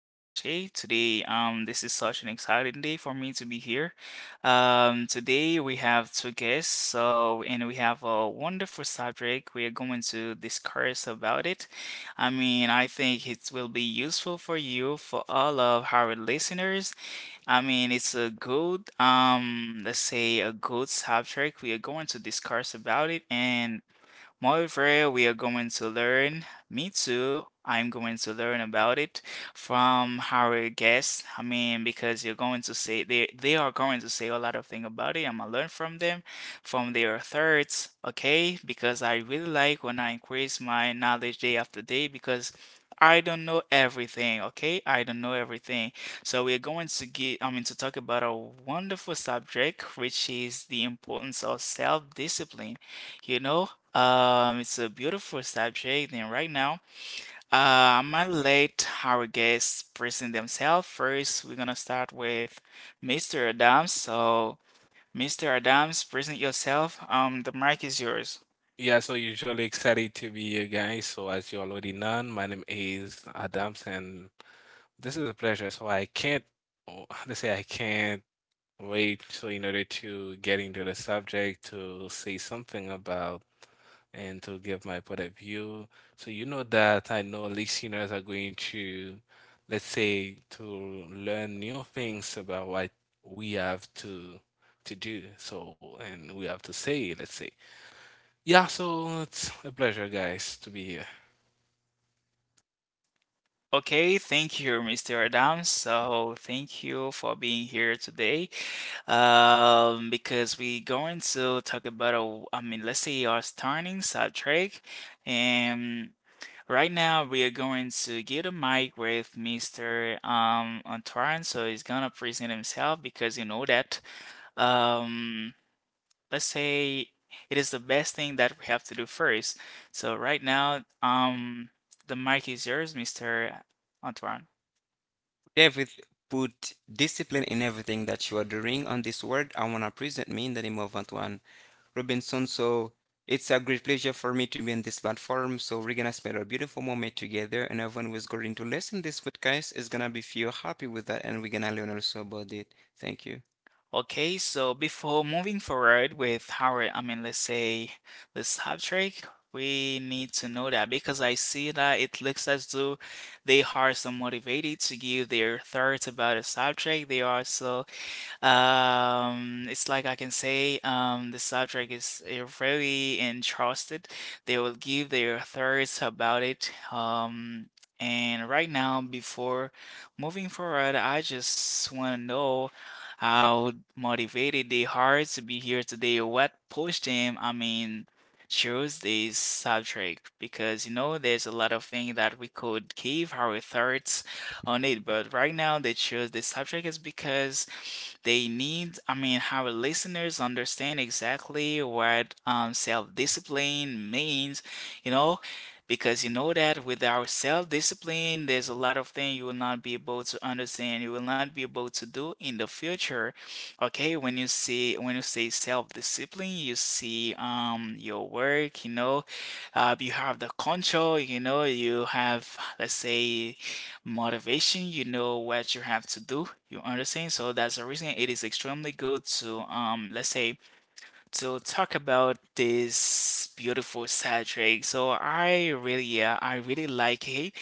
Maroche. Today, this is such an exciting day for me to be here. Today we have two guests, so and we have a wonderful subject. We are going to discuss about it. I mean, I think it will be useful for you, for all of our listeners. I mean, it's a good, let's say, a good subject. We are going to discuss about it, and moreover, we are going to learn, me too, I'm going to learn about it from our guests. I mean, because you're going to say they are going to say a lot of things about it. I'm gonna learn from them, from their thoughts, okay? Because I really like when I increase my knowledge day after day because I don't know everything, okay? I don't know everything. So we're going to get, I mean, to talk about a wonderful subject, which is the importance of self-discipline. You know, it's a beautiful subject, and right now, I'm gonna let our guests present themselves. First, we're gonna start with Mr. Adams. So, Mr. Adams, present yourself. The mic is yours. Yeah, so usually excited to be here, guys. So as you already know, my name is Adams, and this is a pleasure. So I can't, oh, how to say I can't wait. So in order to get into the subject, to say something about and to give my point of view. So you know that I know listeners are going to, to learn new things about what we have to do. So and we have to say, let's say. Yeah, so it's a pleasure, guys, to be here. Okay, thank you, Mr. Adams. So, thank you for being here today. Because we're going to talk about a, I mean, let's say our starting subject, and right now, we are going to get a mic with Mr. Antoine, so he's gonna present himself because you know that um let's say it is the best thing that we have to do first. So right now, the mic is yours, Mr. Antoine. Put Everyth- Put discipline in everything that you are doing. On this word, I want to present me in the name of Antoine Robinson. So it's a great pleasure for me to be on this platform. So we're gonna spend a beautiful moment together, and everyone who's going to listen this podcast is gonna be feel happy with that, and we're gonna learn also about it. Thank you. Okay, so before moving forward with how, I mean, let's say the subject, we need to know that because I see that it looks as though they are so motivated to give their thoughts about a subject. They are so it's like I can say the subject is really interested. They will give their thoughts about it. And right now, before moving forward, I just want to know how motivated they are to be here today. What pushed them? I mean, choose this subject because you know there's a lot of things that we could give our thoughts on it, but right now they chose this subject is because they need, I mean, our listeners understand exactly what self-discipline means, you know, because you know that with our self-discipline, there's a lot of things you will not be able to understand, you will not be able to do in the future. Okay, when you see when you say self-discipline, you see your work, you know, you have the control, you know, you have let's say motivation, you know what you have to do, you understand, so that's the reason it is extremely good to let's say to talk about this beautiful subject. So I really, yeah, I really like it.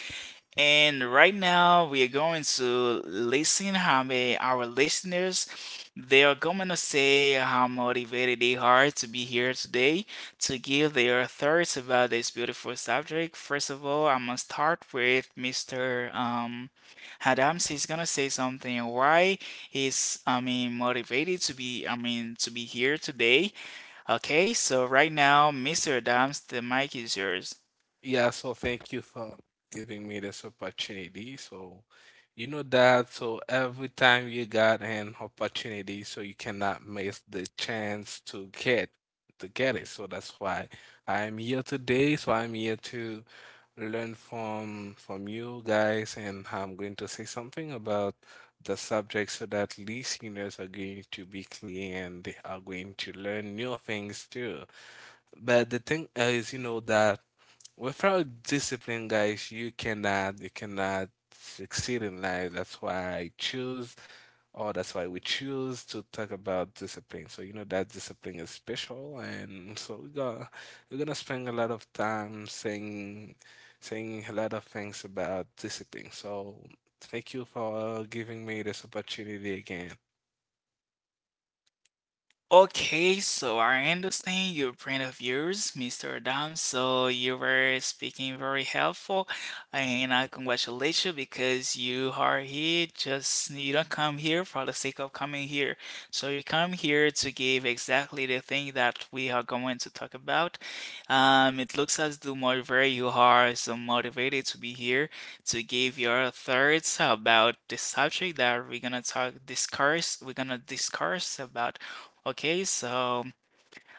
And right now, we are going to listen how may our listeners they are going to say how motivated they are to be here today to give their thoughts about this beautiful subject. First of all, I'm gonna start with Mr. Adams. He's gonna say something why he's I mean motivated to be I mean to be here today. Okay, so right now, Mr. Adams, the mic is yours. Yeah, so thank you for giving me this opportunity. So, you know that, so every time you got an opportunity, so you cannot miss the chance to get it. So that's why I'm here today. So I'm here to learn from you guys, and I'm going to say something about the subject so that listeners are going to be clear and they are going to learn new things too. But the thing is, you know, that without discipline, guys, you cannot succeed in life. That's why I choose, or that's why we choose to talk about discipline. So you know that discipline is special, and so we're gonna spend a lot of time saying a lot of things about discipline. So thank you for giving me this opportunity again. Okay, so I understand your point of views, Mr. Adam. So you were speaking very helpful, and I congratulate you because you are here. Just you don't come here for the sake of coming here. So you come here to give exactly the thing that we are going to talk about. It looks as though moreover you are so motivated to be here to give your thoughts about the subject that we're gonna talk discuss. We're gonna discuss about. Okay, so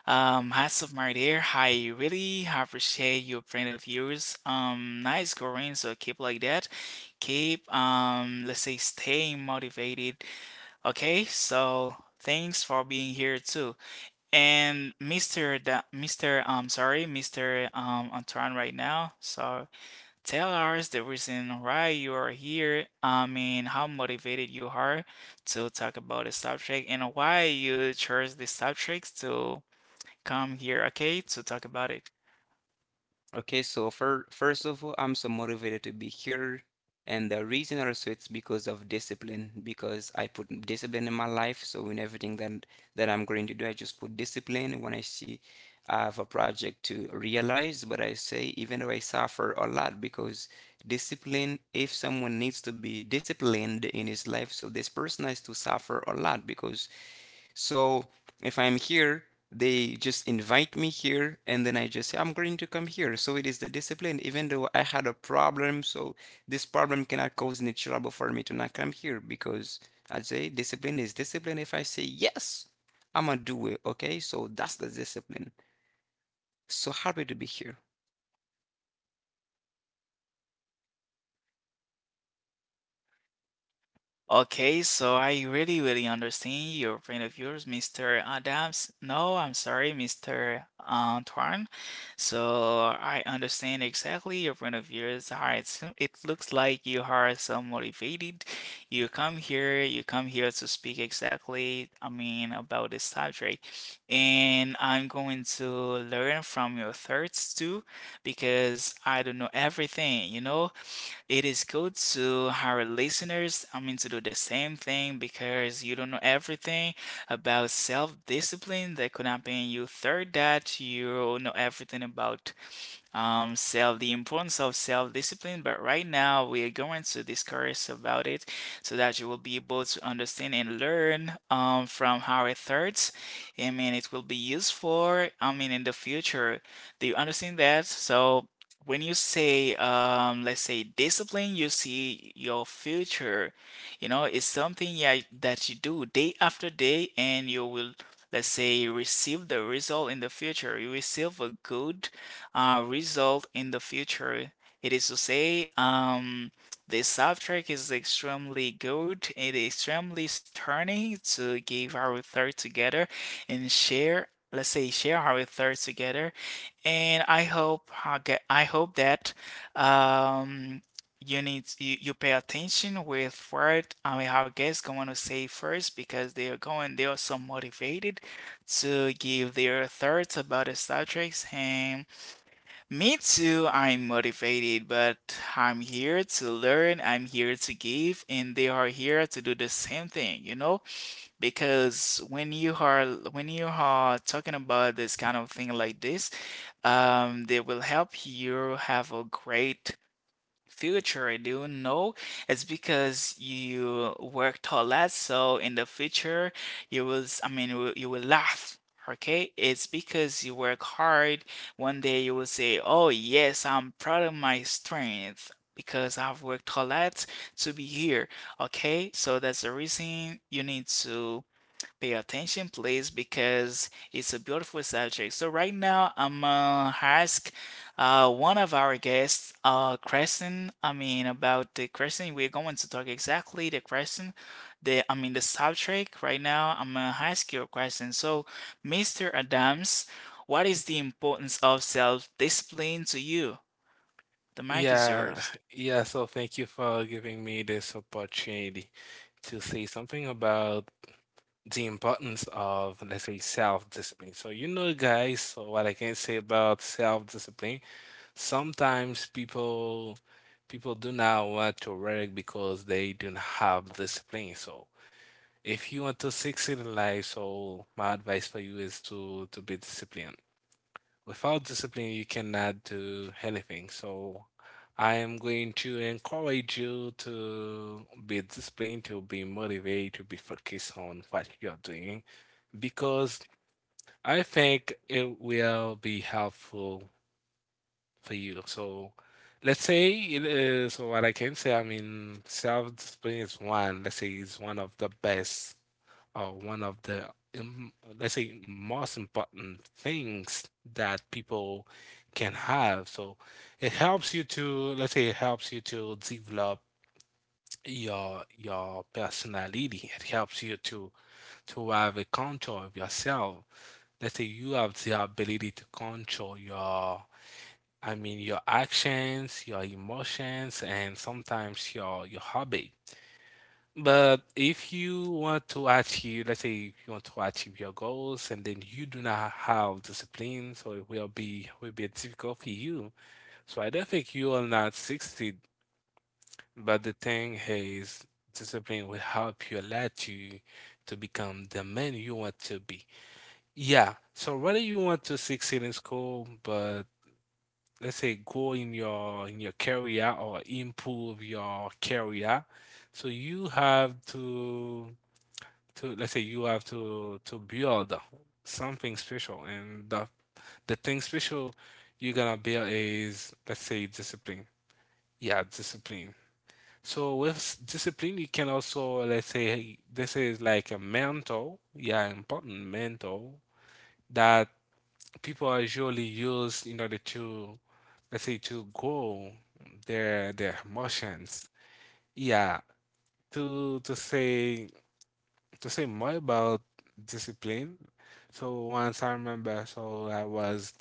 hats off, my dear. I really appreciate your point of views. Nice going, so keep like that. Keep let's say, staying motivated. Okay, so thanks for being here too. And Mr. Mr. Antoine right now. So. Tell us the reason why you are here. I mean, how motivated you are to talk about the subject and why you chose the subject to come here, okay, to talk about it. Okay, so for first of all, I'm so motivated to be here. And the reason also it's because of discipline, because I put discipline in my life. So in everything that I'm going to do, I just put discipline. When I see I have a project to realize, but I say even though I suffer a lot, because discipline, if someone needs to be disciplined in his life, so this person has to suffer a lot because so if I'm here, they just invite me here, and then I just say, I'm going to come here. So it is the discipline, even though I had a problem. So this problem cannot cause any trouble for me to not come here because I'd say discipline is discipline. If I say, yes, I'm gonna do it. Okay, so that's the discipline. So happy to be here. Okay, so I really, really understand your point of views, Mr. Adams. No, I'm sorry, Mr. Antoine. So I understand exactly your point of views. All right, so it looks like you are so motivated. You come here to speak exactly, I mean, about this subject. And I'm going to learn from your thoughts too, because I don't know everything, you know? It is good to our listeners, I mean, to do the same thing because you don't know everything about self-discipline that could happen you. Third, that you know everything about self, the importance of self-discipline. But right now, we are going to discuss about it so that you will be able to understand and learn from our thoughts. I mean, it will be useful. I mean, in the future, do you understand that? So. When you say, let's say discipline, you see your future. You know, it's something, yeah, that you do day after day, and you will, let's say, receive the result in the future. You receive a good result in the future. It is to say, the subject is extremely good. It is extremely stunning to give our thought together and share. Let's say share our thoughts together, and I hope that um, you pay attention with what I mean our guests going to say first because they are so motivated to give their thoughts about the subjects. And me too, I'm motivated, but I'm here to learn, I'm here to give, and they are here to do the same thing, you know? Because when you are talking about this kind of thing like this, they will help you have a great future. I do know it's because you worked a lot, so in the future you will, you will laugh. Okay, it's because you work hard. One day you will say, "Oh yes, I'm proud of my strength because I've worked a lot to be here." Okay, so that's the reason you need to pay attention, please, because it's a beautiful subject. So right now, I'm gonna ask one of our guests, Crescent. I mean, about the question we're going to talk exactly the question, the I mean the subject. Right now, I'm gonna ask you a question. So, Mr. Adams, what is the importance of self-discipline to you? The mic is Yeah, yours. yeah, so thank you for giving me this opportunity to say something about the importance of, let's say, self-discipline. So, you know, guys, so what I can say about self-discipline, sometimes people do not want to work because they do not have discipline. So, if you want to succeed in life, so my advice for you is to be disciplined. Without discipline, you cannot do anything. So I am going to encourage you to be disciplined, to be motivated, to be focused on what you're doing, because I think it will be helpful for you. So let's say, it, so what I can say, I mean, self-discipline is one, is one of the best one of the um, let's say most important things that people can have. So it helps you to let's say it helps you to develop your personality. It helps you to have a control of yourself. Let's say you have the ability to control your your actions, your emotions, and sometimes your hobby. But if you want to achieve, let's say you want to achieve your goals and then you do not have discipline, so it will be difficult for you. So I don't think you will not succeed. But the thing is, discipline will help you let you to become the man you want to be. Yeah. So whether you want to succeed in school, but let's say grow in your career or improve your career, so you have to let's say you have to build something special and the thing special you're gonna build is let's say discipline, yeah, discipline. So with discipline you can also let's say, hey, this is like a mental, yeah, important mental that people are usually use in order to let's say to go their emotions, yeah, to say to say more about discipline. So once I remember, so I was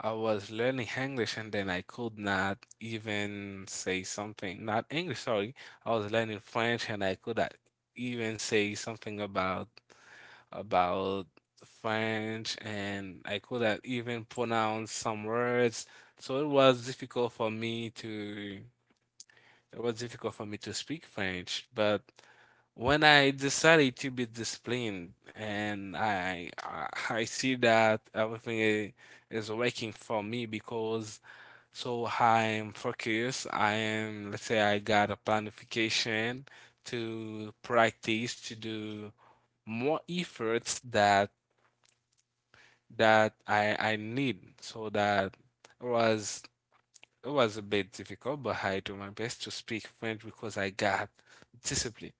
I was learning English and then I could not even say something. Not English, sorry. I was learning French and I could not even say something about French and I couldn't even pronounce some words. So it was difficult for me to speak French, but when I decided to be disciplined and I see that everything is working for me because so I am focused. I am let's say I got a planification to practice to do more efforts that that I need so that was it was a bit difficult, but I do my best to speak French because I got discipline.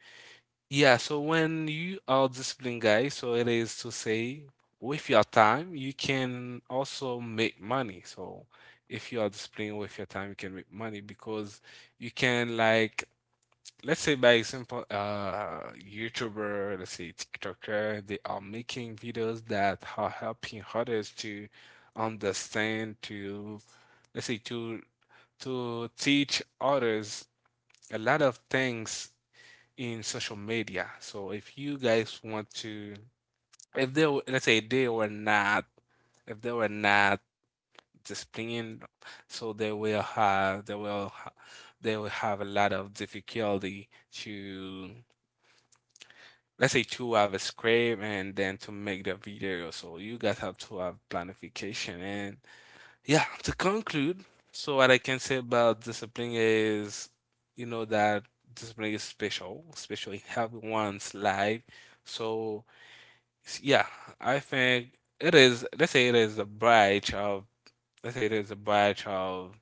Yeah, so when you are a disciplined guy, so it is to say with your time, you can also make money. So if you are disciplined with your time, you can make money because you can like let's say by example, YouTuber, let's say TikToker, they are making videos that are helping others to understand to let's say to teach others a lot of things in social media. So if you guys want to, if they were- let's say they were not, if they were not disciplined, so they will have a lot of difficulty to let's say to have a script and then to make the video. So you guys have to have planification and yeah, to conclude, so what I can say about discipline is, you know, that discipline is special, especially in everyone's life. So, yeah, I think it is, let's say it is a branch of, let's say it is a branch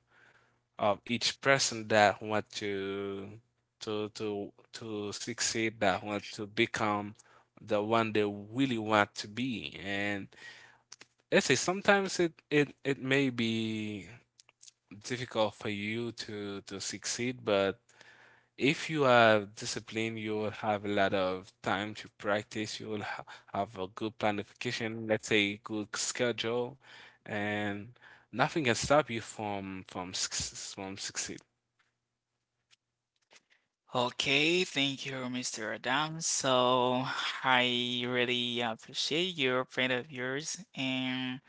of each person that want to succeed, that want to become the one they really want to be. And let's say sometimes it may be difficult for you to succeed, but if you are disciplined, you will have a lot of time to practice. You will ha have a good planification, let's say good schedule, and nothing can stop you from succeed. Okay, thank you, Mr. Adam. So I really appreciate your friend of yours, and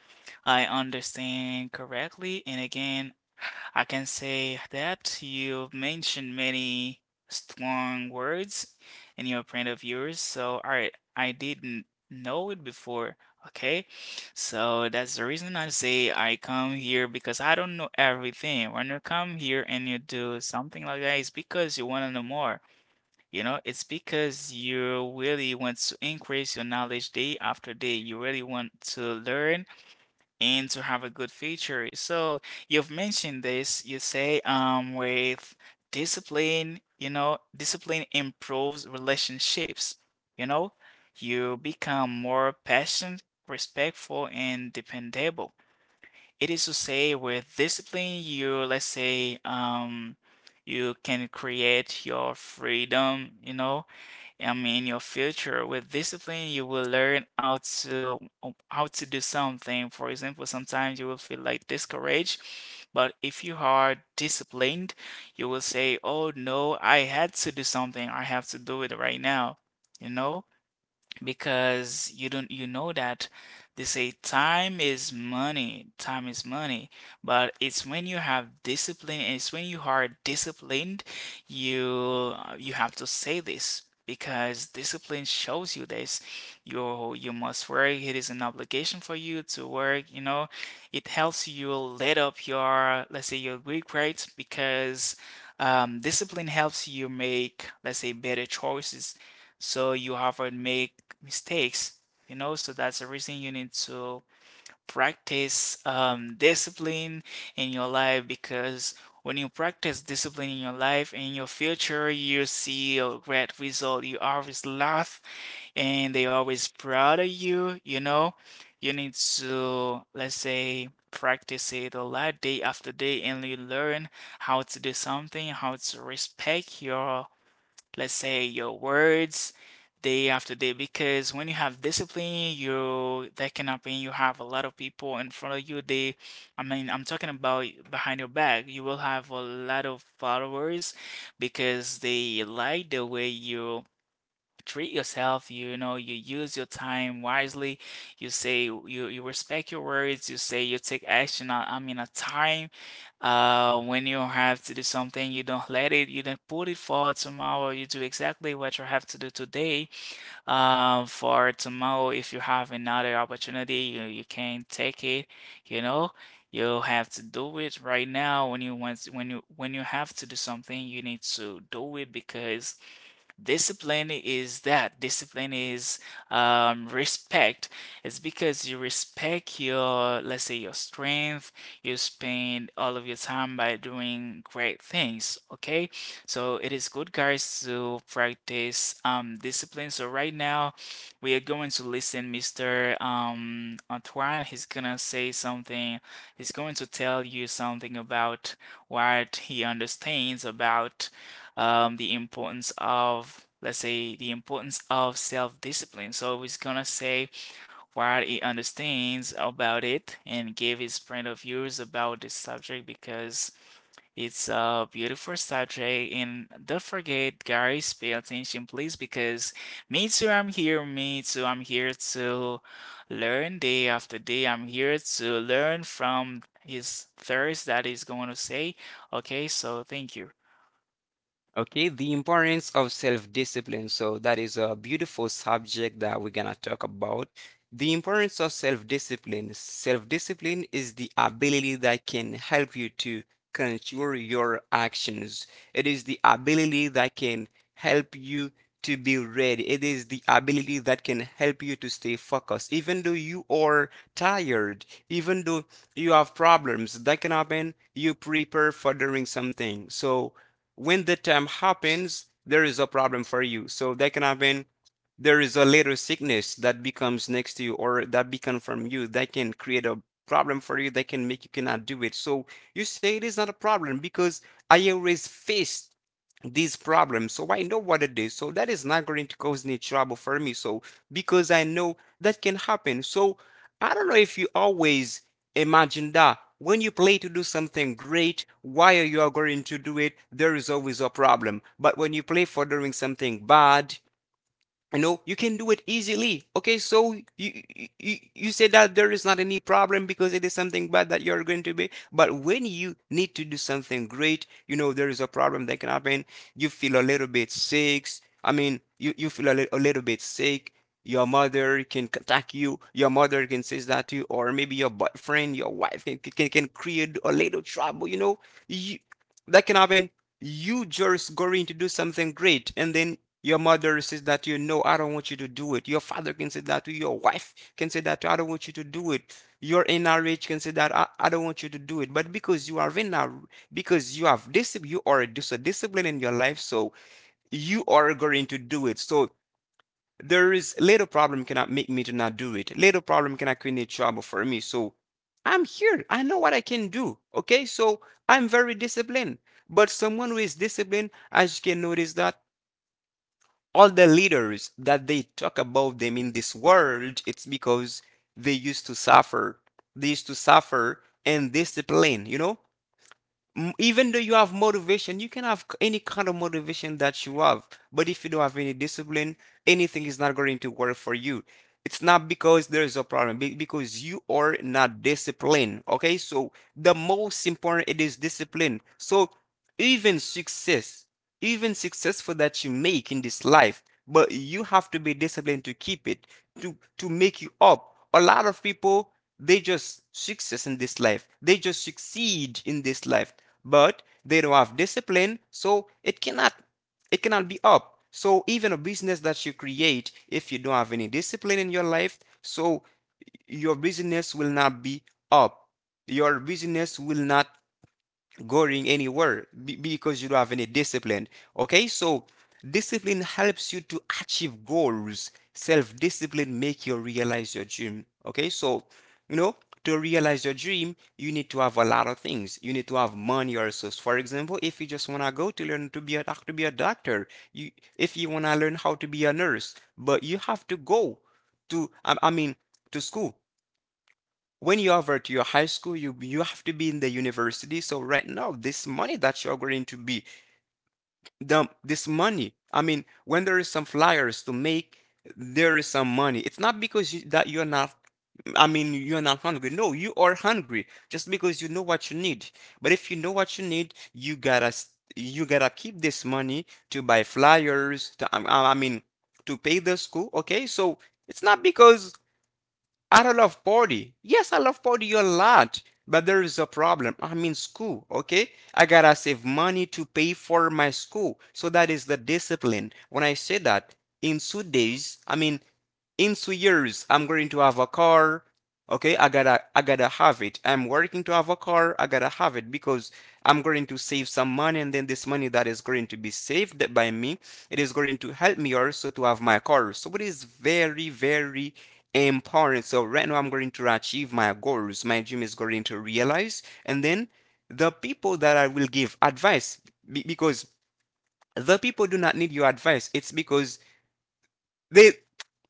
I understand correctly. And again, I can say that you've mentioned many strong words in your print of yours. So, all right, I didn't know it before. Okay, so that's the reason I say I come here because I don't know everything. When you come here and you do something like that, it's because you want to know more. You know, it's because you really want to increase your knowledge day after day. You really want to learn and to have a good future. So you've mentioned this, you say, with discipline, you know, discipline improves relationships, you know, you become more patient, respectful, and dependable. It is to say, with discipline, you, let's say, you can create your freedom, you know, I mean, in your future, with discipline, you will learn how to do something. For example, sometimes you will feel like discouraged, but if you are disciplined, you will say, "Oh no, I had to do something. I have to do it right now." You know? Because you don't, you know that they say time is money, time is money, but it's when you have discipline, it's when you are disciplined, you have to say this because discipline shows you this. You must work, it is an obligation for you to work, you know. It helps you let up your, let's say, your week rates because discipline helps you make, let's say, better choices. So you have to make mistakes, you know, so that's the reason you need to practice discipline in your life because when you practice discipline in your life, in your future, you see a great result. You always laugh and they always proud of you, you know. You need to, let's say, practice it a lot day after day, and you learn how to do something, how to respect your, let's say, your words day after day. Because when you have discipline, you, that can happen, you have a lot of people in front of you. They, I mean, I'm talking about behind your back, you will have a lot of followers because they like the way you treat yourself, you know. You use your time wisely. You say, you respect your words. You say you take action on, I mean a time, when you have to do something, you don't let it, you don't put it for tomorrow. You do exactly what you have to do today. For tomorrow, if you have another opportunity, you can't take it, you know. You have to do it right now. When you want, when you, when you have to do something, you need to do it. Because discipline is that. Discipline is, respect. It's because you respect your, let's say, your strength. You spend all of your time by doing great things. Okay, so it is good, guys, to practice discipline. So right now, we are going to listen, Mr. Antoine. He's gonna say something. He's going to tell you something about what he understands about, the importance of, let's say, the importance of self-discipline. So he's gonna say what he understands about it and give his point of views about this subject because it's a beautiful subject. And don't forget, guys, pay attention, please, because me too, I'm here. Me too, I'm here to learn day after day. I'm here to learn from his thirst that he's going to say. Okay, so thank you. Okay, the importance of self-discipline. So that is a beautiful subject that we're gonna talk about. The importance of self-discipline. Self-discipline is the ability that can help you to control your actions. It is the ability that can help you to be ready. It is the ability that can help you to stay focused. Even though you are tired, even though you have problems that can happen, you prepare for doing something. So when the time happens, there is a problem for you. So that can happen. There is a little sickness that becomes next to you or that becomes from you that can create a problem for you that can make you cannot do it. So you say it is not a problem because I always faced these problems, so I know what it is. So that is not going to cause any trouble for me. So because I know that can happen, so I don't know if you always imagine that when you play to do something great, while you are going to do it, there is always a problem. But when you play for doing something bad, you know you can do it easily. Okay, so you say that there is not any problem because it is something bad that you're going to be. But when you need to do something great, you know there is a problem that can happen. You feel a little bit sick. I mean you feel a little bit sick. Your mother can attack you, your mother can say that to you, or maybe your boyfriend, your wife can create a little trouble, you know, you, that can happen. You just going to do something great, and then your mother says that to you. No, I don't want you to do it. Your father can say that to you. Your wife can say that to you, I don't want you to do it. Your NRH can say that I don't want you to do it. But because you are in because you have this, you are a discipline in your life, so you are going to do it. So there is little problem cannot make me to not do it. Little problem cannot create trouble for me. So I'm here. I know what I can do. Okay, so I'm very disciplined. But someone who is disciplined, as you can notice that all the leaders that they talk about them in this world, it's because they used to suffer. They used to suffer and discipline, you know? Even though you have motivation, you can have any kind of motivation that you have. But if you don't have any discipline, anything is not going to work for you. It's not because there is a problem, because you are not disciplined. Okay, so the most important it is discipline. So even success even successful that you make in this life, but you have to be disciplined to keep it, to make you up. A lot of people, they just succeed in this life, but they don't have discipline, so it cannot, it cannot be up. So even a business that you create, if you don't have any discipline in your life, so your business will not be up. Your business will not going anywhere, because you don't have any discipline. Okay, so discipline helps you to achieve goals. Self discipline make you realize your dream. Okay, so you know, to realize your dream, you need to have a lot of things. You need to have money or resource. For example, if you just wanna go to learn to be a to be a doctor, you, if you wanna learn how to be a nurse, but you have to go to to school. When you over to your high school, you have to be in the university. So right now, this money that you're going to be, the this money, I mean, when there is some flyers to make, there is some money. It's not because that you're not, I mean you're not hungry. No, you are hungry just because you know what you need. But if you know what you need, you gotta you gotta keep this money to buy flyers to to pay the school. Okay, so it's not because I don't love party. Yes, I love party a lot, but there is a problem. I'm in school, okay? I gotta save money to pay for my school. So that is the discipline. When I say that, in 2 days, I mean in 2 years, I'm going to have a car. Okay, I gotta have it. I'm working to have a car, I gotta have it, because I'm going to save some money, and then this money that is going to be saved by me, it is going to help me also to have my car. So it is very important. So right now I'm going to achieve my goals, my dream is going to realize, and then the people that I will give advice, because the people do not need your advice, it's because they,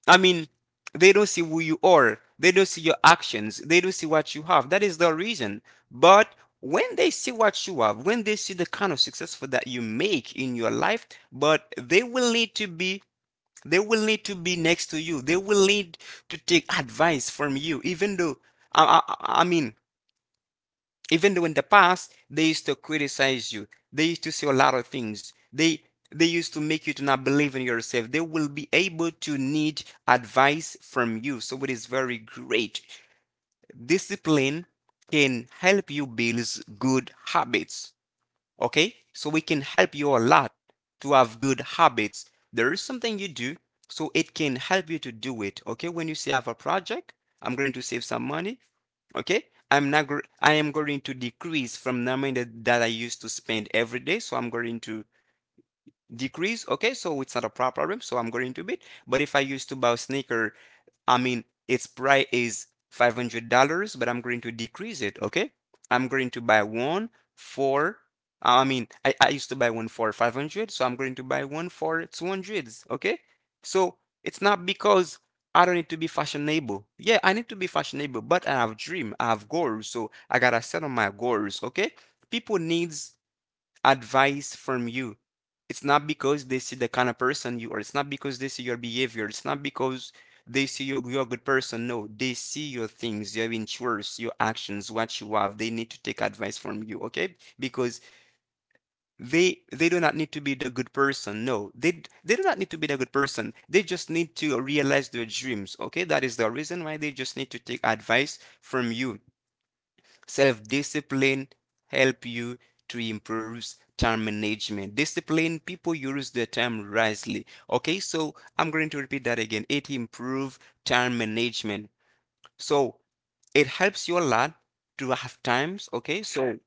I mean, they don't see who you are. They don't see your actions. They don't see what you have. That is the reason. But when they see what you have, when they see the kind of successful that you make in your life, but they will need to be next to you. They will need to take advice from you, even though I, I, I mean even though in the past they used to criticize you, they used to say a lot of things, they used to make you to not believe in yourself. They will be able to need advice from you. So it is very great. Discipline can help you build good habits. Okay, so we can help you a lot to have good habits. There is something you do, so it can help you to do it. Okay, when you say I have a project, I'm going to save some money. Okay, I'm not I am going to decrease from the amount that I used to spend every day. So I'm going to decrease. Okay, so it's not a problem. So I'm going to bid. But if I used to buy a sneaker, I mean, its price is $500, but I'm going to decrease it, okay? I'm going to buy one for, I mean, I used to buy one for 500, so I'm going to buy one for 200. Okay? So it's not because I don't need to be fashionable. Yeah, I need to be fashionable, but I have dream, I have goals, so I gotta set on my goals, okay? People needs advice from you. It's not because they see the kind of person you are. It's not because they see your behavior. It's not because they see you, you're a good person. No, they see your things, your interests, your actions, what you have. They need to take advice from you, okay? Because they do not need to be the good person. No, they do not need to be the good person. They just need to realize their dreams, okay? That is the reason why they just need to take advice from you. Self-discipline help you to improve time management. Discipline people use their time wisely. Okay, so I'm going to repeat that again. It improve time management. So it helps you a lot to have times. Okay, so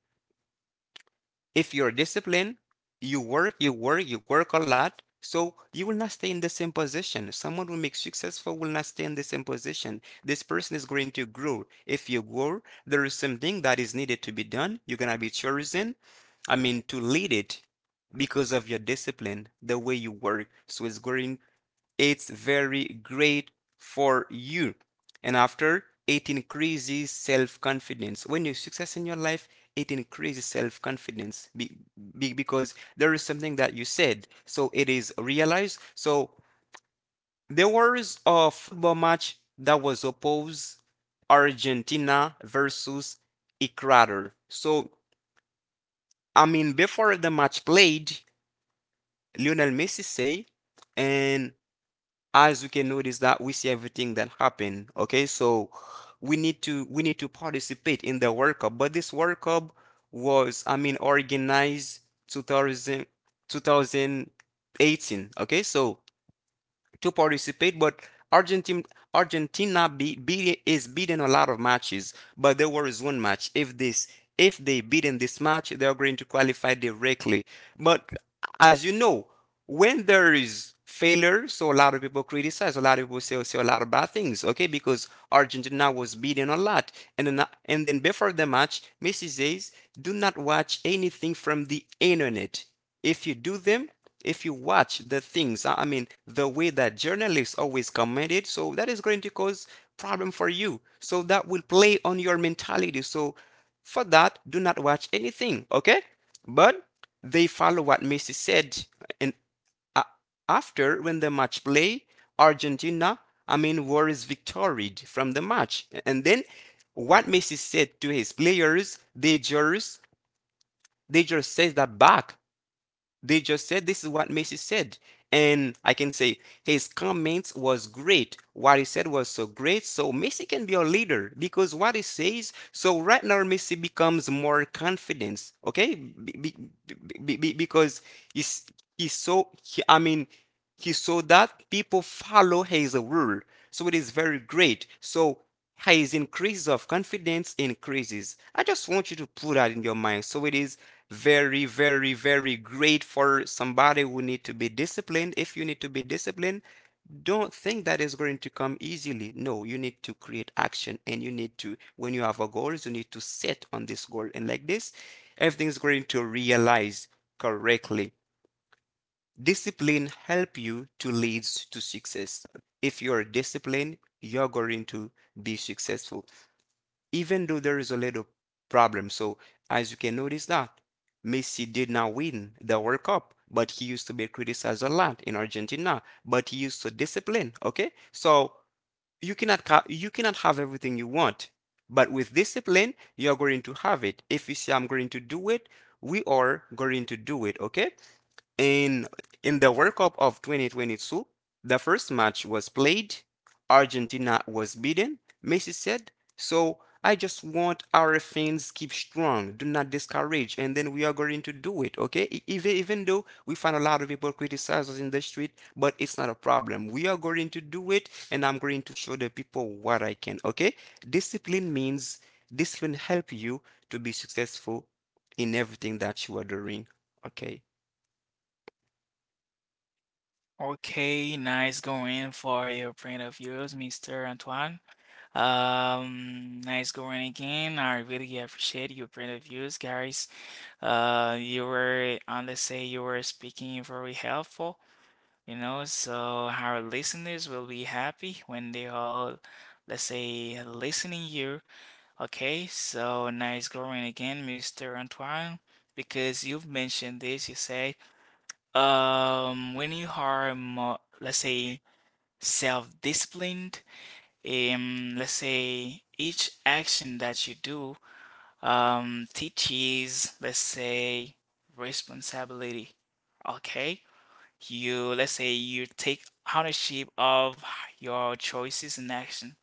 if you're disciplined, you work, you work, you work a lot. So you will not stay in the same position. Someone who makes successful will not stay in the same position. This person is going to grow. If you grow, there is something that is needed to be done. You're gonna be chosen. I mean, to lead it because of your discipline, the way you work. So it's very great for you. And after, it increases self confidence. When you success in your life, it increases self confidence because there is something that you said, so it is realized. So there was a football match that was opposed Argentina versus Ecuador. So I mean, before the match played, Lionel Messi say, and as you can notice that we see everything that happened. Okay, so we need to participate in the workup, but this workup was, I mean, organized 2000. Okay, so to participate, but Argentina Argentina is beating a lot of matches, but there was one match. If this if they beat in this match, they are going to qualify directly. But as you know, when there is failure, so a lot of people criticize, a lot of people say a lot of bad things, okay? Because Argentina was beaten a lot, and then before the match, Messi says, "Do not watch anything from the internet." if you do them if you watch the things, I mean the way that journalists always comment it, so that is going to cause problem for you, so that will play on your mentality. So for that, do not watch anything, okay? But they follow what Messi said. And a after when the match play, Argentina, I mean, was victoried from the match. And then what Messi said to his players, they just says that back. They just said this is what Messi said. And I can say his comments was great. What he said was so great. So Messi can be a leader because what he says. So right now Messi becomes more confident. Okay, because he's he's I mean he saw that people follow his rule. So it is very great. So his increase of confidence increases. I just want you to put that in your mind. So it is very, very, very great for somebody who need to be disciplined. If you need to be disciplined, don't think that is going to come easily. No, you need to create action, and you need to, when you have a goal, you need to set on this goal. And like this, everything is going to realize correctly. Discipline help you to leads to success. If you are disciplined, you're going to be successful even though there is a little problem. So as you can notice that Messi did not win the World Cup, but he used to be criticized a lot in Argentina, but he used to discipline, okay? So you cannot have everything you want, but with discipline, you're going to have it. If you say I'm going to do it, we are going to do it, okay? In in the World Cup of 2022, the first match was played. Argentina was beaten, Messi said. So I just want our fans keep strong, do not discourage, and then we are going to do it, okay? Even even though we find a lot of people criticize us in the street, but it's not a problem. We are going to do it, and I'm going to show the people what I can, okay? Discipline means Discipline help you to be successful in everything that you are doing, okay? Okay, nice going for your print of yours, Mr. Antoine. Nice going again. I really appreciate your print of views, guys. You were, on the say, you were speaking very helpful, you know, so our listeners will be happy when they all, let's say, listening you. Okay, so nice going again, Mr. Antoine, because you've mentioned this, you say, when you are more, let's say, self-disciplined. Let's say each action that you do teaches, let's say, responsibility. Okay, you, let's say you take ownership of your choices and action.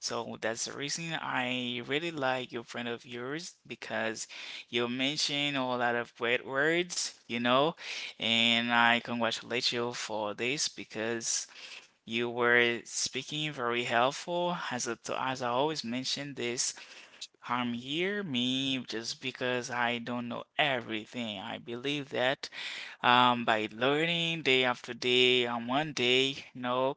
So that's the reason I really like your friend of yours because you mentioned a lot of great words, you know, and I congratulate you for this because you were speaking very helpful. As I, as I always mention this, I'm here, me, just because I don't know everything. I believe that by learning day after day, and one day, you know,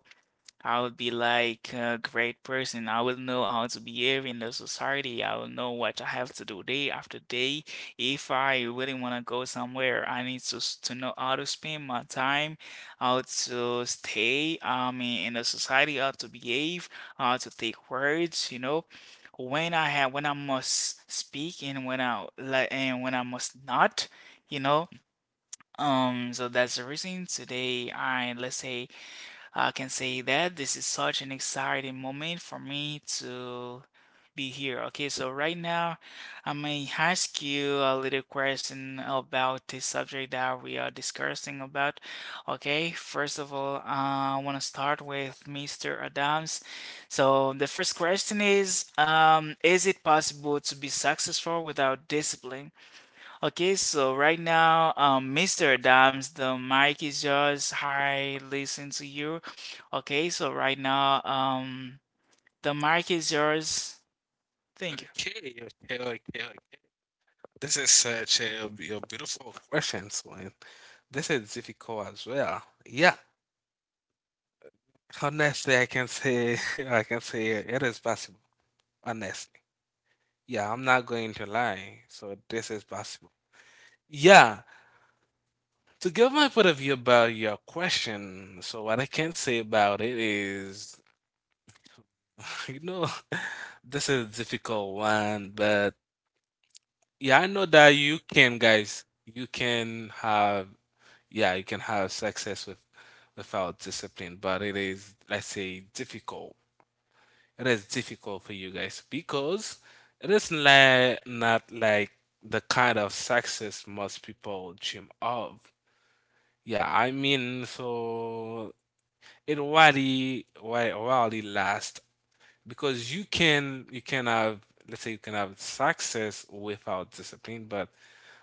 I would be like a great person. I will know how to behave in the society. I will know what I have to do day after day. If I really want to go somewhere, I need to to know how to spend my time, how to stay, I mean, in the society, how to behave, how to take words, you know. When I have, when I must speak and when I like and when I must not, you know. So that's the reason today I, let's say, I can say that this is such an exciting moment for me to be here. Okay, so right now I may ask you a little question about the subject that we are discussing about. Okay, first of all, I want to start with Mr. Adams. So the first question is it possible to be successful without discipline? Okay, so right now, Mr. Adams, the mic is yours. Hi, listen to you. Okay, so right now, the mic is yours. Thank you. Okay, okay. This is such a beautiful question, Swin. This is difficult as well. Yeah, honestly, I can say I can say it is possible. Honest. Yeah, I'm not going to lie. So this is possible. Yeah, to give my point of view about your question, so what I can say about it is, you know, this is a difficult one, but yeah, I know that you can, guys. You can have, yeah, you can have success with without discipline, but it is, let's say, difficult. It is difficult for you guys because it is not like the kind of success most people dream of. Yeah, I mean, so it really, really lasts because you can have let's say you can have success without discipline, but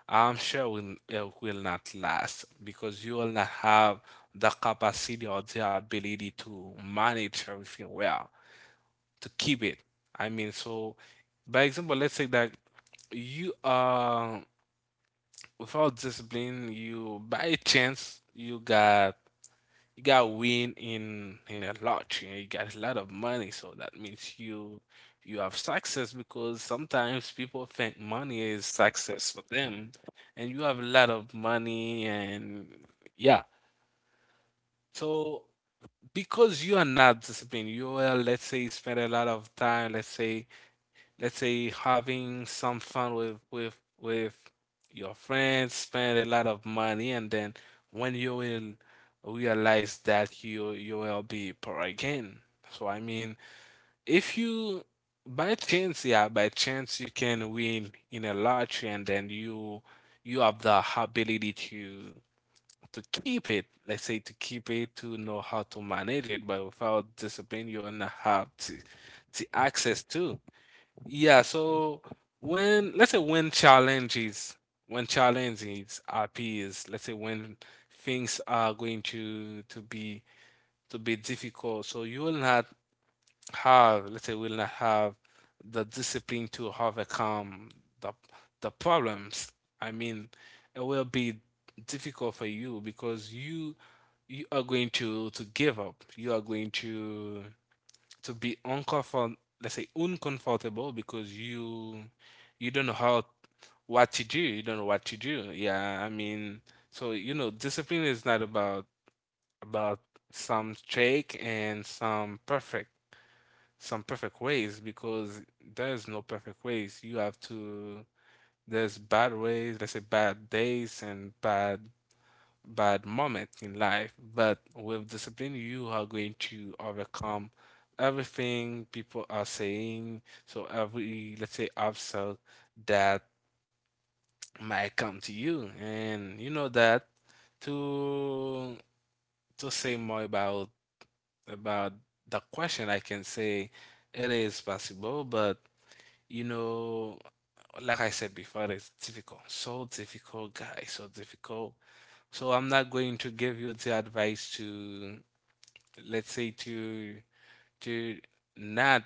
I'm sure will, it will not last because you will not have the capacity or the ability to manage everything well to keep it. I mean, so by example, let's say that you are without discipline, you by chance you got win in a lottery and you got a lot of money. So that means you have success because sometimes people think money is success for them, and you have a lot of money and yeah. So because you are not disciplined, you will let's say spend a lot of time, let's say having some fun with your friends, spend a lot of money, and then when you will realize that you will be poor again. So I mean, if you by chance, yeah, by chance you can win in a lottery, and then you have the ability to keep it. Let's say to keep it to know how to manage it, but without discipline, you will not have the access to. Yeah, so when let's say when challenges appears, let's say when things are going to be difficult, so you will not have the discipline to overcome the the problems. I mean, it will be difficult for you because you are going to give up. You are going to be uncomfortable, let's say uncomfortable because you don't know how what to do you don't know what to do, yeah, I mean, so you know discipline is not about about some strict and some perfect ways because there's no perfect ways. You have to there's bad ways, let's say bad days and bad moment in life, but with discipline, you are going to overcome everything people are saying. So every, let's say, obstacle that might come to you, and you know that to to say more about the question, I can say it is possible, but you know, like I said before, it's difficult, so difficult, guys, so difficult. So I'm not going to give you the advice to, let's say, to not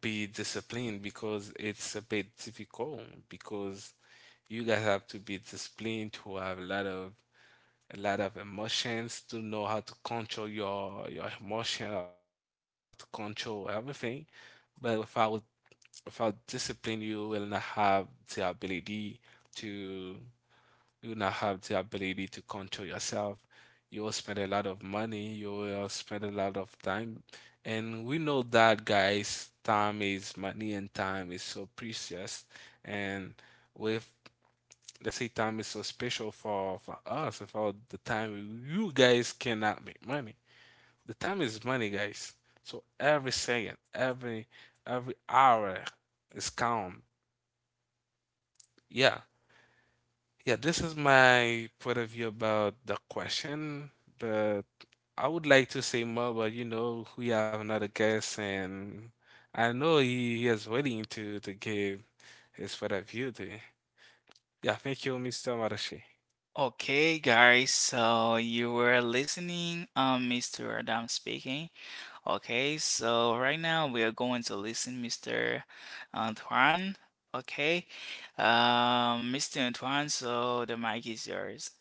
be disciplined because it's a bit difficult because you guys have to be disciplined to have a lot of emotions to know how to control your emotion, how to control everything. But without discipline, you will not have the, ability to you will not have the ability to control yourself. You will spend a lot of money, you will spend a lot of time. And we know that, guys, time is money and time is so precious. And with, let's say, time is so special for us, without the time, you guys cannot make money. The time is money, guys. So every second, every hour is count. Yeah, yeah, this is my point of view about the question, but I would like to say more, but you know, we have another guest, and I know he is waiting to give his point of view there. Yeah, thank you, Mr. Marashi. Okay, guys, so you were listening, Mr. Adams speaking. Okay, so right now we are going to listen, Mr. Antoine. Okay, Mr. Antoine, so the mic is yours.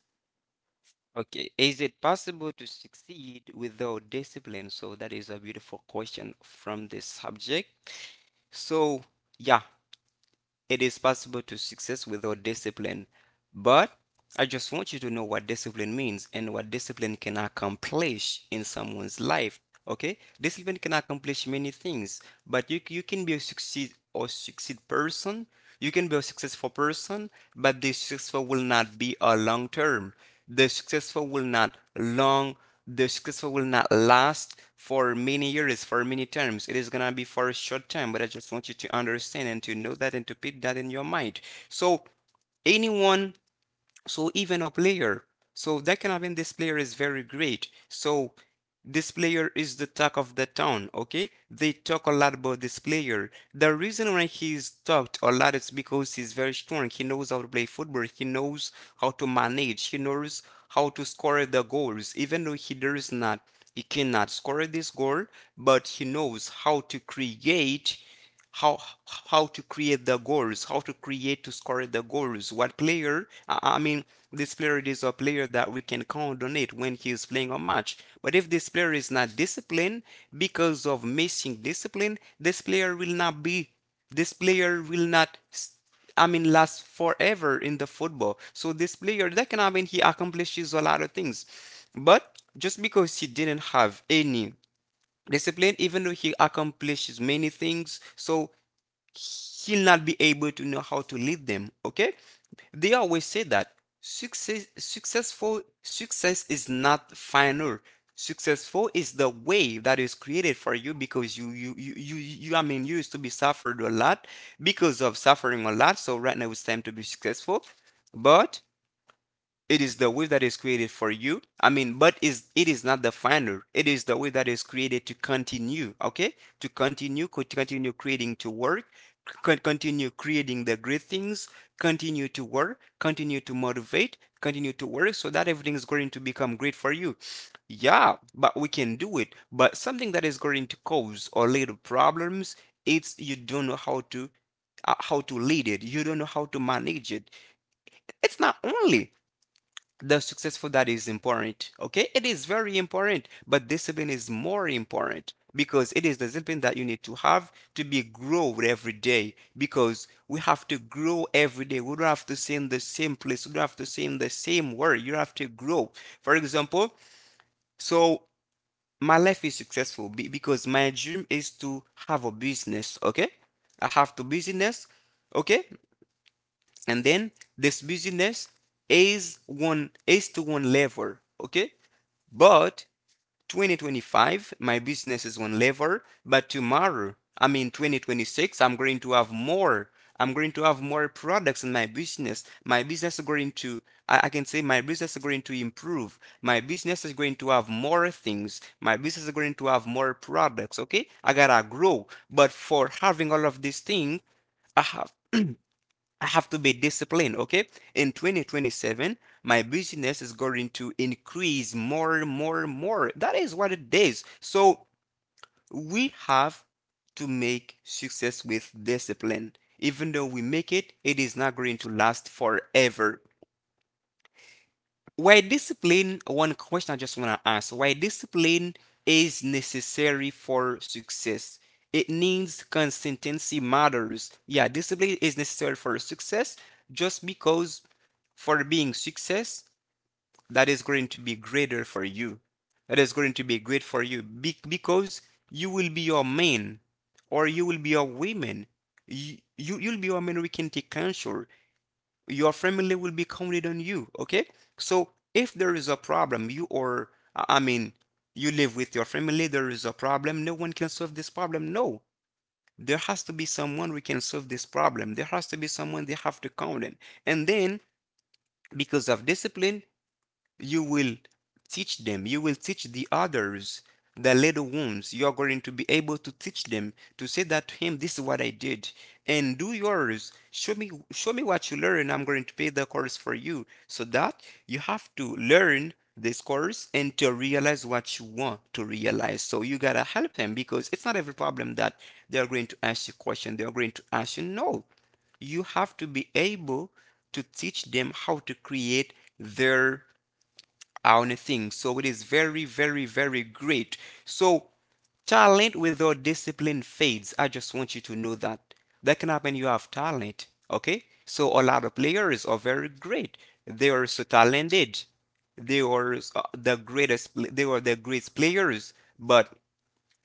Okay, is it possible to succeed without discipline? So that is a beautiful question from this subject. So, yeah, it is possible to success without discipline, but I just want you to know what discipline means and what discipline can accomplish in someone's life. Okay? Discipline can accomplish many things, but you can be a succeed or succeed person. You can be a successful person, but the successful will not be a long term. The successful will not long the successful will not last for many years, for many terms. It is gonna be for a short time, but I just want you to understand and to know that and to put that in your mind. So anyone, so even a player, so that can happen. This player is very great, so this player is the talk of the town. Okay, they talk a lot about this player. The reason why he's talked a lot is because he's very strong. He knows how to play football. He knows how to manage. He knows how to score the goals, even though he does not, he cannot score this goal, but he knows how to create, how how to create the goals, how to create to score the goals. What player? I mean, this player is a player that we can count on it when he is playing a match. But if this player is not disciplined, because of missing discipline, this player will not be. This player will not. S- I mean, last forever in the football. So this player, that can, I mean, he accomplishes a lot of things, but just because he didn't have any discipline, even though he accomplishes many things, so he'll not be able to know how to lead them. Okay? They always say that success is not final. Successful is the way that is created for you because you I mean you used to be suffered a lot. Because of suffering a lot, so right now it's time to be successful. But it is the wave that is created for you. I mean, but is it is not the final. It is the wave that is created to continue, okay? To continue, continue creating to work, continue creating the great things, continue to work, continue to motivate, continue to work so that everything is going to become great for you. Yeah, but we can do it. But something that is going to cause or lead to problems, it's you don't know how to lead it. You don't know how to manage it. It's not only the successful that is important. Okay, it is very important, but discipline is more important because it is the discipline that you need to have to be growed every day, because we have to grow every day. We don't have to stay in the same place. We don't have to stay in the same word. You have to grow. For example, so my life is successful because my dream is to have a business, okay? I have to business, okay? And then this business is one is to one level, okay? But 2025, my business is one level, but tomorrow, I mean 2026, I'm going to have more. I'm going to have more products in my business. My business is going to, I can say my business is going to improve. My business is going to have more things. My business is going to have more products. Okay. I gotta grow. But for having all of these things, I have I have to be disciplined, okay? In 2027, my business is going to increase more and more and more. That is what it is. So we have to make success with discipline. Even though we make it, it is not going to last forever. Why discipline? One question I just want to ask. Why discipline is necessary for success? It needs consistency matters. Yeah, discipline is necessary for success just because for being success, that is going to be greater for you. That is going to be great for you because you will be your man or you will be your woman. You'll be your man who can take control. Your family will be counted on you. Okay. So if there is a problem, you or, I mean, you live with your family, there is a problem. No one can solve this problem. No. There has to be someone who can solve this problem. There has to be someone they have to count on. And then, because of discipline, you will teach them. You will teach the others, the little ones. You are going to be able to teach them to say that to him, this is what I did. And do yours. Show me what you learn. I'm going to pay the course for you. So that you have to learn this course and to realize what you want to realize. So you gotta help them because it's not every problem that they are going to ask you question. They are going to ask you, no, you have to be able to teach them how to create their on a thing. So it is very, very, very great. So talent without discipline fades. I just want you to know that. That can happen. You have talent, okay? So a lot of players are very great. They are so talented. They are the greatest. They are the greatest players, but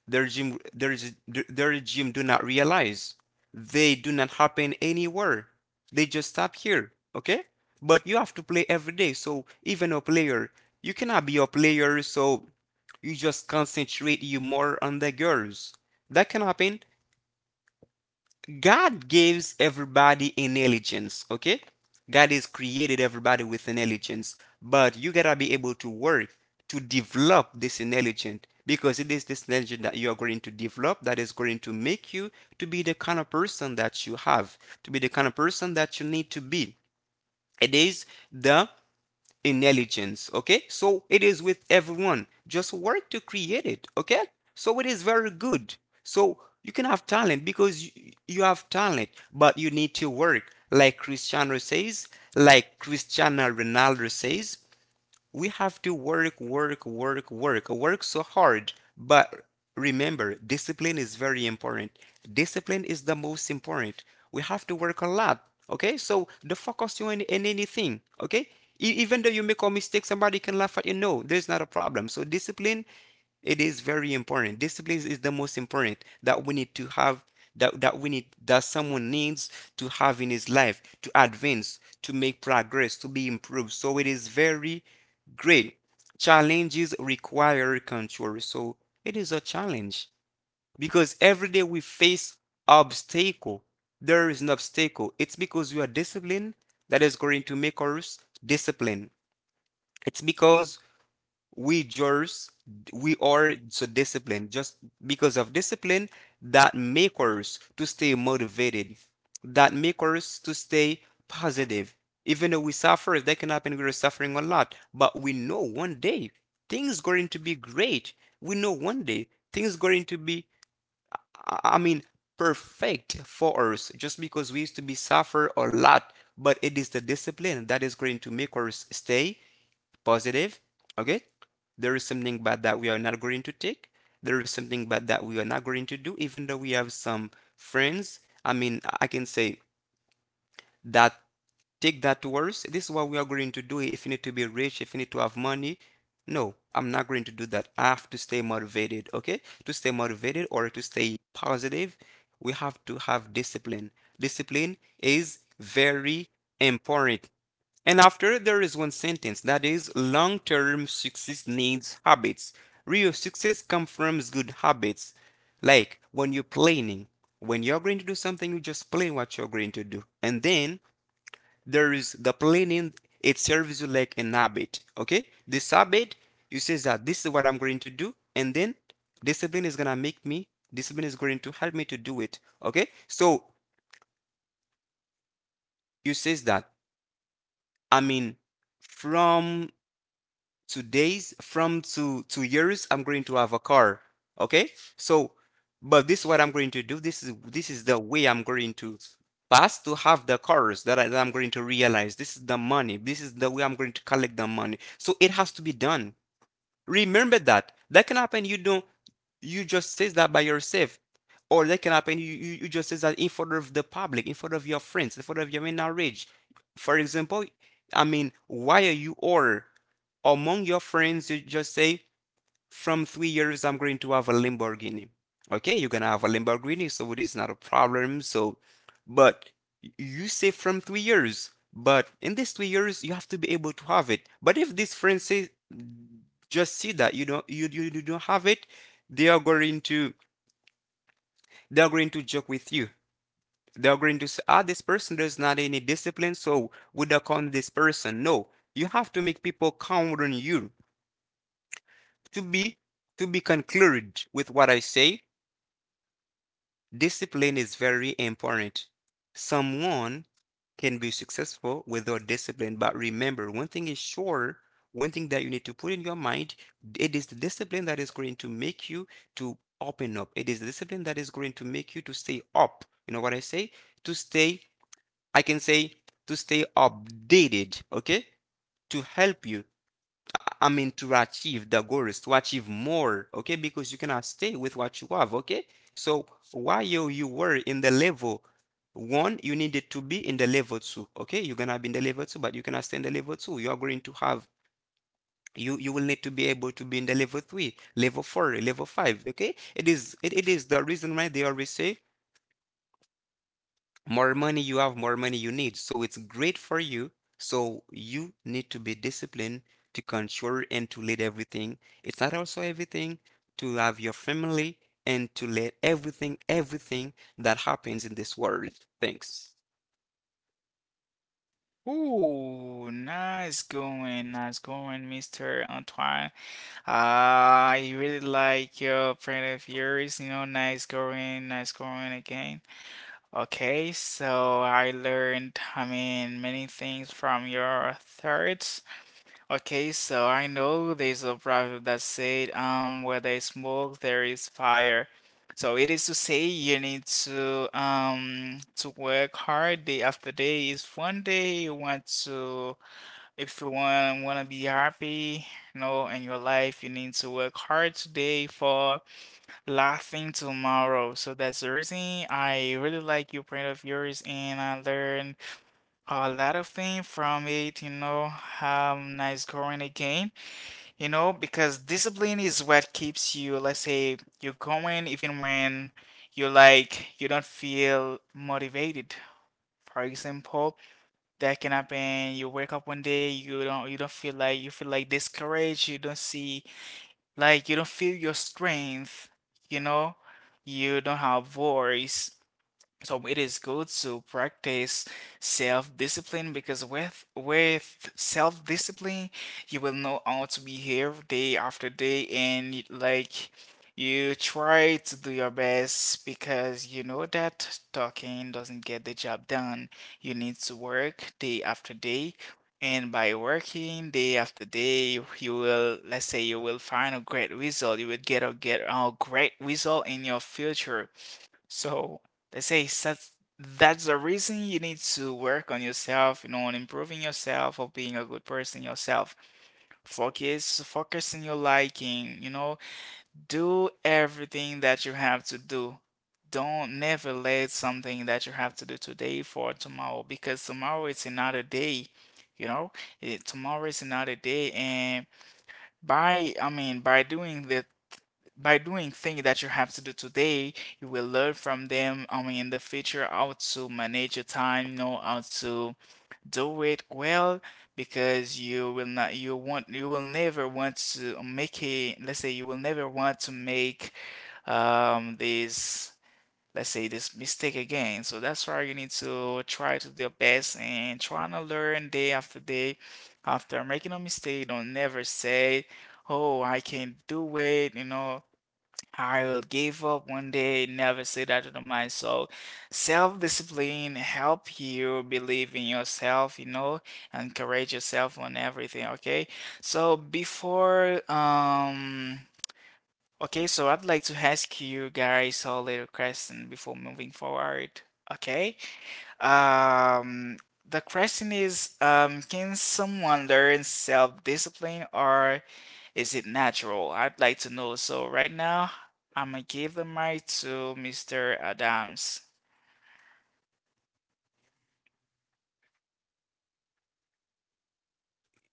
the regime do not realize, they do not happen anywhere, they just stop here, okay? But you have to play every day, so even a player, you cannot be a player, so you just concentrate you more on the girls, that can happen. God gives everybody intelligence, okay? God has created everybody with intelligence, but you gotta be able to work to develop this intelligence, because it is this intelligence that you are going to develop that is going to make you to be the kind of person that you have, to be the kind of person that you need to be. It is the intelligence, okay? So it is with everyone, just work to create it, okay? So it is very good. So you can have talent because you, have talent, but you need to work, like Cristiano says, like Cristiano Ronaldo says, we have to work, work, work, work, work so hard. But remember, discipline is very important. Discipline is the most important. We have to work a lot. Okay, so the focus you in anything. Okay. Even though you make a mistake, somebody can laugh at you. No, there's not a problem. So discipline, it is very important. Discipline is the most important that we need to have, that we need, that someone needs to have in his life, to advance, to make progress, to be improved. So it is very great. Challenges require control. So it is a challenge because every day we face obstacle. There is an obstacle. It's because we are disciplined that is going to make us disciplined. It's because we just we are so disciplined, just because of discipline, that make us to stay motivated, that make us to stay positive. Even though we suffer, that can happen, we're suffering a lot, but we know one day things going to be great. We know one day things going to be, I mean, perfect for us, just because we used to be suffer a lot. But it is the discipline that is going to make us stay positive, okay? There is something bad that we are not going to take. There is something bad that we are not going to do, even though we have some friends, I mean, I can say that, take that words. This is what we are going to do. If you need to be rich, if you need to have money, no, I'm not going to do that. I have to stay motivated, okay? To stay motivated or to stay positive, we have to have discipline. Discipline is very important. And after, there is one sentence that is, long term success needs habits. Real success comes from good habits. Like when you're planning, when you're going to do something, you just plan what you're going to do. And then there is the planning, it serves you like an habit, okay? This habit, you say that this is what I'm going to do, and then discipline is gonna make me discipline is going to help me to do it, okay? So you says that, I mean, from from two years I'm going to have a car, okay? So, but this is what I'm going to do. This is the way I'm going to pass to have the cars that I'm going to realize. This is the money, this is the way I'm going to collect the money, so it has to be done. Remember that, that can happen, you don't you just says that by yourself, or that can happen, you just says that in front of the public, in front of your friends, in front of your marriage, for example. I mean, why are you, or among your friends you just say, from 3 years I'm going to have a Lamborghini, okay? You're gonna have a Lamborghini, so it is not a problem. So, but you say from 3 years, but in these 3 years you have to be able to have it. But if this friend says, just see that you don't have it, they are going to they're going to joke with you. They're going to say, ah, this person does not any discipline, so would do count this person. No, you have to make people count on you. To be to be concluded with what I say, discipline is very important. Someone can be successful without discipline, but remember, one thing is sure, one thing that you need to put in your mind, it is the discipline that is going to make you to open up. It is the discipline that is going to make you to stay up. You know what I say? To stay, I can say, to stay updated, okay, to help you. I mean, to achieve the goals, to achieve more, okay, because you cannot stay with what you have, okay. So while you were in the level one, you needed to be in the level two, okay. You're gonna be in the level two, but you cannot stay in the level two. You are going to have you you will need to be able to be in the level three, level four, level five, okay. It is the reason why they always say, more money you have, more money you need. So it's great for you. So you need to be disciplined, to control and to lead everything. It's not also everything, to have your family and to let everything, everything that happens in this world. Thanks. Ooh, nice going, Mr. Antoine. Ah, I really like your point of views, you know, nice going again. Okay, so I learned, I mean, many things from your thoughts. Okay, so I know there's a proverb that said, where there is smoke, there is fire. So it is to say you need to work hard day after day. If one day you want to, if you want to be happy, you know, in your life, you need to work hard today for laughing tomorrow. So that's the reason I really like your print of yours, and I learned a lot of things from it. You know, nice going again. You know, because discipline is what keeps you. Let's say you're going even when you, like you don't feel motivated. For example, that can happen. You wake up one day, you don't feel like, you feel like discouraged, you don't see, like you don't feel your strength, you know? You don't have voice. So it is good to practice self-discipline because with self-discipline, you will know how to behave day after day and like you try to do your best because you know that talking doesn't get the job done. You need to work day after day. And by working day after day, you will, let's say, you will find a great result. You will get a great result in your future, so they say that's the reason you need to work on yourself, you know, on improving yourself or being a good person yourself. Focus, focus on your liking, you know, do everything that you have to do. Don't never let something that you have to do today for tomorrow, because tomorrow it's another day, you know. Eh, tomorrow is another day, and by, I mean, by doing the, by doing things that you have to do today, you will learn from them. I mean, in the future, how to manage your time, you know, how to do it well, because you will not, you want, you will never want to make a, let's say, you will never want to make this, let's say, this mistake again. So that's why you need to try to do your best and try to learn day after day. After making a mistake, don't never say, "Oh, I can't do it," you know, I will give up one day, never say that to myself. Self-discipline help you believe in yourself, you know, encourage yourself on everything, okay? So before okay, so I'd like to ask you guys a little question before moving forward, okay? Um, the question is, can someone learn self-discipline or is it natural? I'd like to know. So right now, I'm gonna give the mic to Mr. Adams.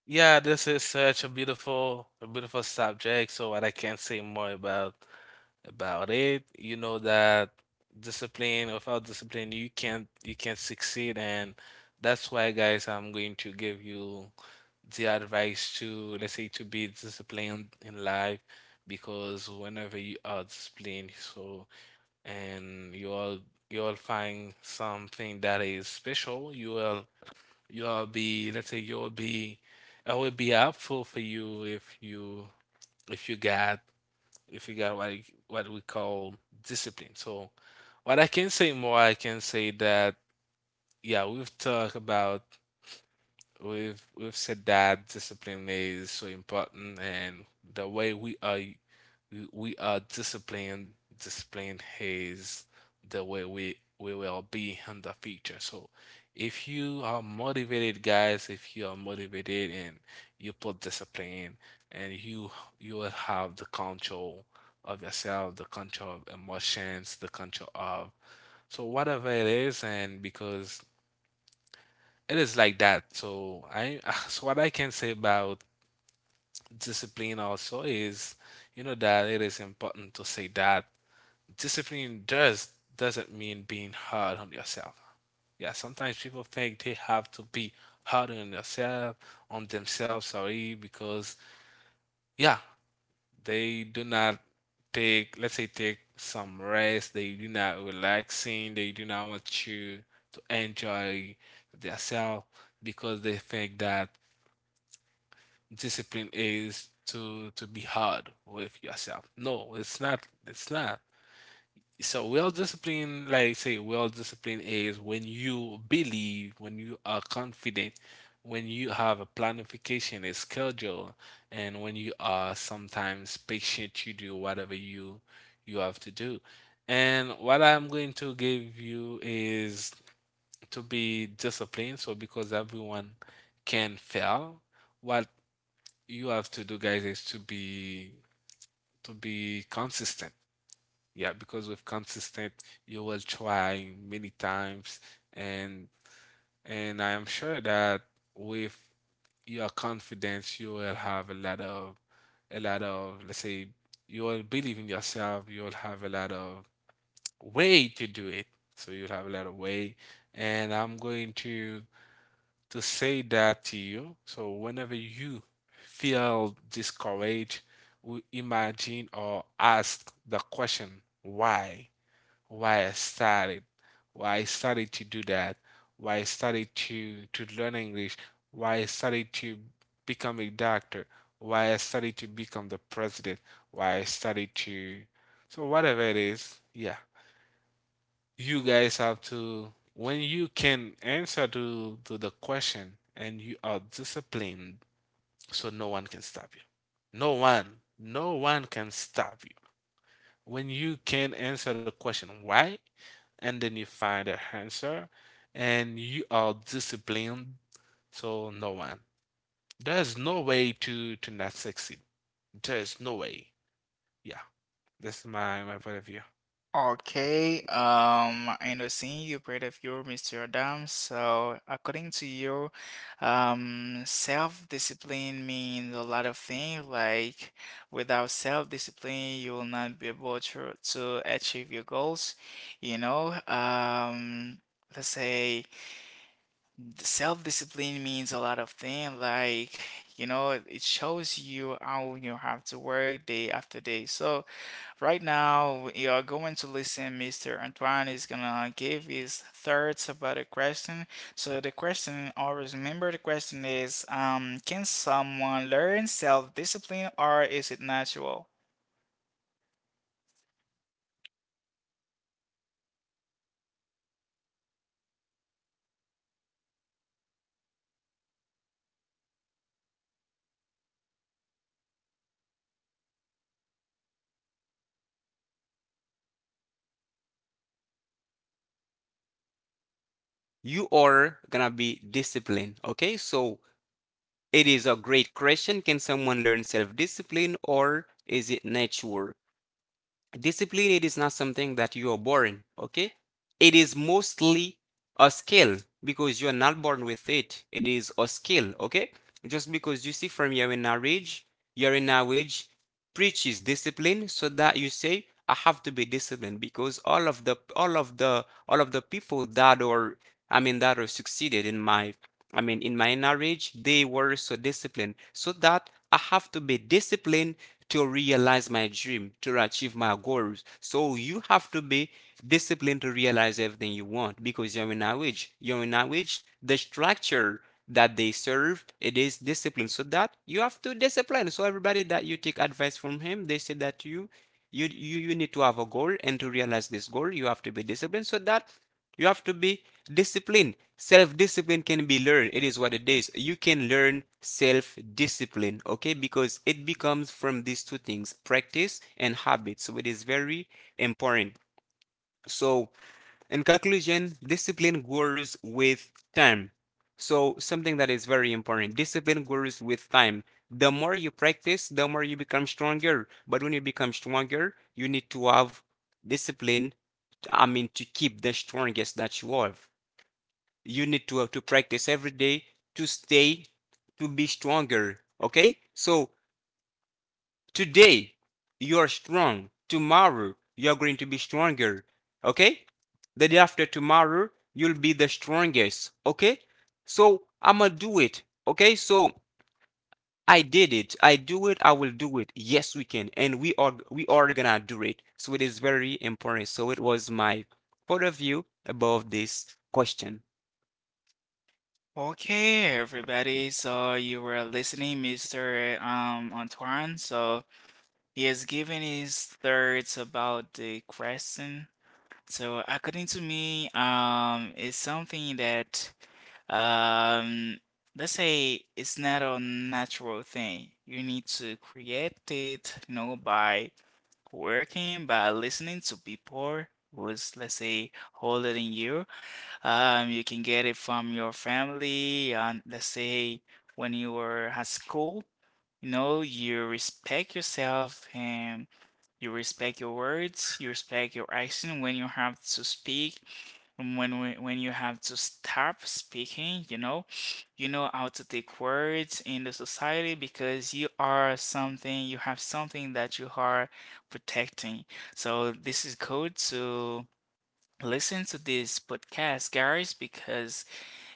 Yeah, this is such a beautiful subject, so what I can say more about it. You know that discipline, without discipline, you can't succeed, and that's why, guys, I'm going to give you the advice, to let's say, to be disciplined in life. Because whenever you are disciplined, so and you all, you will find something that is special. You will, you will be, let's say, you will be, it will be helpful for you if you, if you got if you got what we call discipline. So what I can say more, I can say that, yeah, we've talked about, we've said that discipline is so important, and the way we are, we are disciplined, disciplined, is the way we will be in the future. So if you are motivated, guys, if you are motivated and you put discipline, and you will have the control of yourself, the control of emotions, the control of, so whatever it is, and because it is like that. So I so what I can say about discipline also is, you know, that it is important to say that discipline doesn't mean being hard on yourself. Yeah, sometimes people think they have to be hard on yourself, on themselves, sorry, because, yeah, they do not take, let's say, take some rest, they do not relaxing, they do not want you to enjoy themselves, because they think that discipline is to be hard with yourself. No, it's not. It's not. So well discipline, like say, well discipline is when you believe, when you are confident, when you have a planification, a schedule, and when you are sometimes patient, you do whatever you, you have to do. And what I'm going to give you is to be disciplined. So because everyone can fail, what you have to do, guys, is to be, to be consistent. Yeah, because with consistent, you will try many times, and and I am sure that with your confidence, you will have a lot of, a lot of, let's say, you will believe in yourself. You will have a lot of way to do it. So you'll have a lot of way, and I'm going to say that to you. So whenever you feel discouraged, imagine or ask the question, why? Why I started? Why I started to do that? Why I started to learn English? Why I started to become a doctor? Why I started to become the president? Why I started to, so whatever it is. Yeah, you guys have to, when you can answer to the question and you are disciplined, so no one can stop you, no one, no one can stop you. When you can answer the question why, and then you find the answer, and you are disciplined, so no one, there's no way to not succeed. There's no way. Yeah, that's my, my point of view. Okay, I know seeing you part of you, Mr. Adam. So, according to you, self-discipline means a lot of things. Like, without self-discipline, you will not be able to achieve your goals. You know, let's say self-discipline means a lot of things. Like, you know, it shows you how you have to work day after day. So, right now, you're going to listen. Mr. Antoine is gonna give his thoughts about a question. So the question, always remember the question is, can someone learn self-discipline or is it natural? You are gonna be disciplined. Okay, so it is a great question. Can someone learn self-discipline or is it natural? Discipline, it is not something that you are born, okay? It is mostly a skill, because you are not born with it. It is a skill, okay? Just because you see from your marriage preaches discipline, so that you say, I have to be disciplined, because all of the all of the all of the people that are I mean, that are succeeded in my I mean, in my marriage, they were so disciplined, so that I have to be disciplined, to realize my dream, to achieve my goals. So you have to be disciplined to realize everything you want, because you're in marriage. You're in marriage. The structure that they serve, it is discipline. So that you have to discipline. So everybody that you take advice from him, they say that you need to have a goal, and to realize this goal, you have to be disciplined. So that. You have to be disciplined. Self discipline can be learned. It is what it is. You can learn self discipline, okay? Because it becomes from these two things, practice and habit. So it is very important. So in conclusion, discipline grows with time. So, something that is very important, discipline grows with time. The more you practice, the more you become stronger. But when you become stronger, you need to have discipline. I mean, to keep the strongest that you have. You need to have to practice every day, to stay, to be stronger. Okay? So, today, you are strong. Tomorrow, you're going to be stronger. Okay? The day after tomorrow, you'll be the strongest. Okay? So, I'm gonna do it. Okay? So, I did it. I do it. I will do it. Yes, we can. And we are gonna do it. So it is very important. So it was my point of view above this question. Okay, everybody. So you were listening, Mr. Antoine. So he has given his thoughts about the question. So according to me, it's something that, um, let's say it's not a natural thing. You need to create it, you know, by working, by listening to people who's, let's say, older than you. You can get it from your family, and let's say when you were at school, you know, you respect yourself and you respect your words, you respect your action when you have to speak and when you have to stop speaking, you know how to take words in the society because you are something, you have something that you are protecting. So this is good to listen to this podcast, guys, because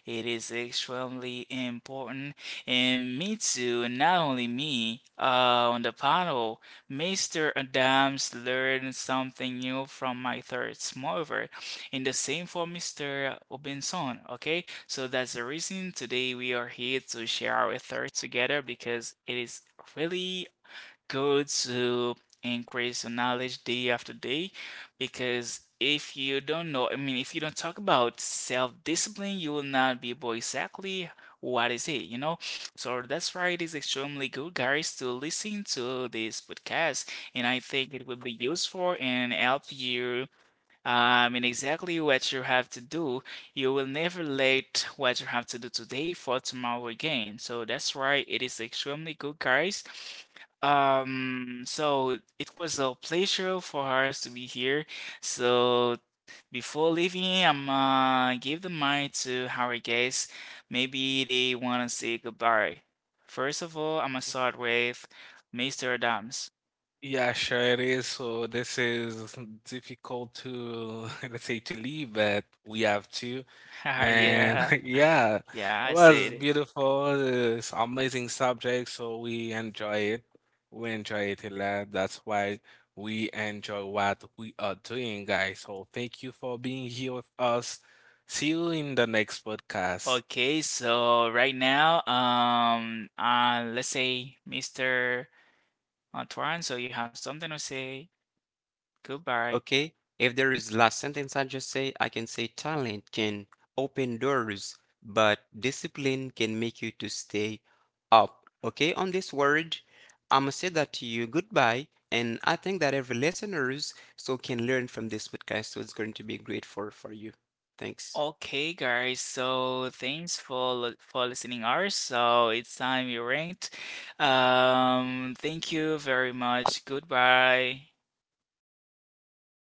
it is extremely important. And me too, and not only me, on the panel, Mr. Adams learned something new from my third smoker. And the same for Mr. Obinson, okay? So that's the reason today we are here to share our thoughts together because it is really good to increase your knowledge day after day because if you don't know, I mean, if you don't talk about self-discipline, you will not be able exactly what is it, you know? So that's why it is extremely good, guys, to listen to this podcast, and I think it will be useful and help you and exactly what you have to do, you will never let what you have to do today for tomorrow again. So that's why it is extremely good, guys. So it was a pleasure for us to be here. So before leaving, I'm gonna give the mic to our guests. Maybe they wanna say goodbye. First of all, I'm gonna start with Mr. Adams. Yeah, sure it is. So this is difficult to let's say to leave, but we have to. And Yeah, yeah, yeah, it I was said it. beautiful. It's amazing subject, so we enjoy it. We enjoy it a lot. That's why we enjoy what we are doing, guys. So thank you for being here with us. See you in the next podcast. Okay, so right now, let's say Mr. Antoine, so you have something to say. Goodbye. Okay, if there is last sentence I just say, I can say, talent can open doors, but discipline can make you to stay up. Okay, on this word, I'ma say that to you, goodbye, and I think that every listeners so can learn from this podcast, so it's going to be great for you. Thanks. Okay, guys, so thanks for for listening ours. So it's time we ranked. Thank you very much. Goodbye.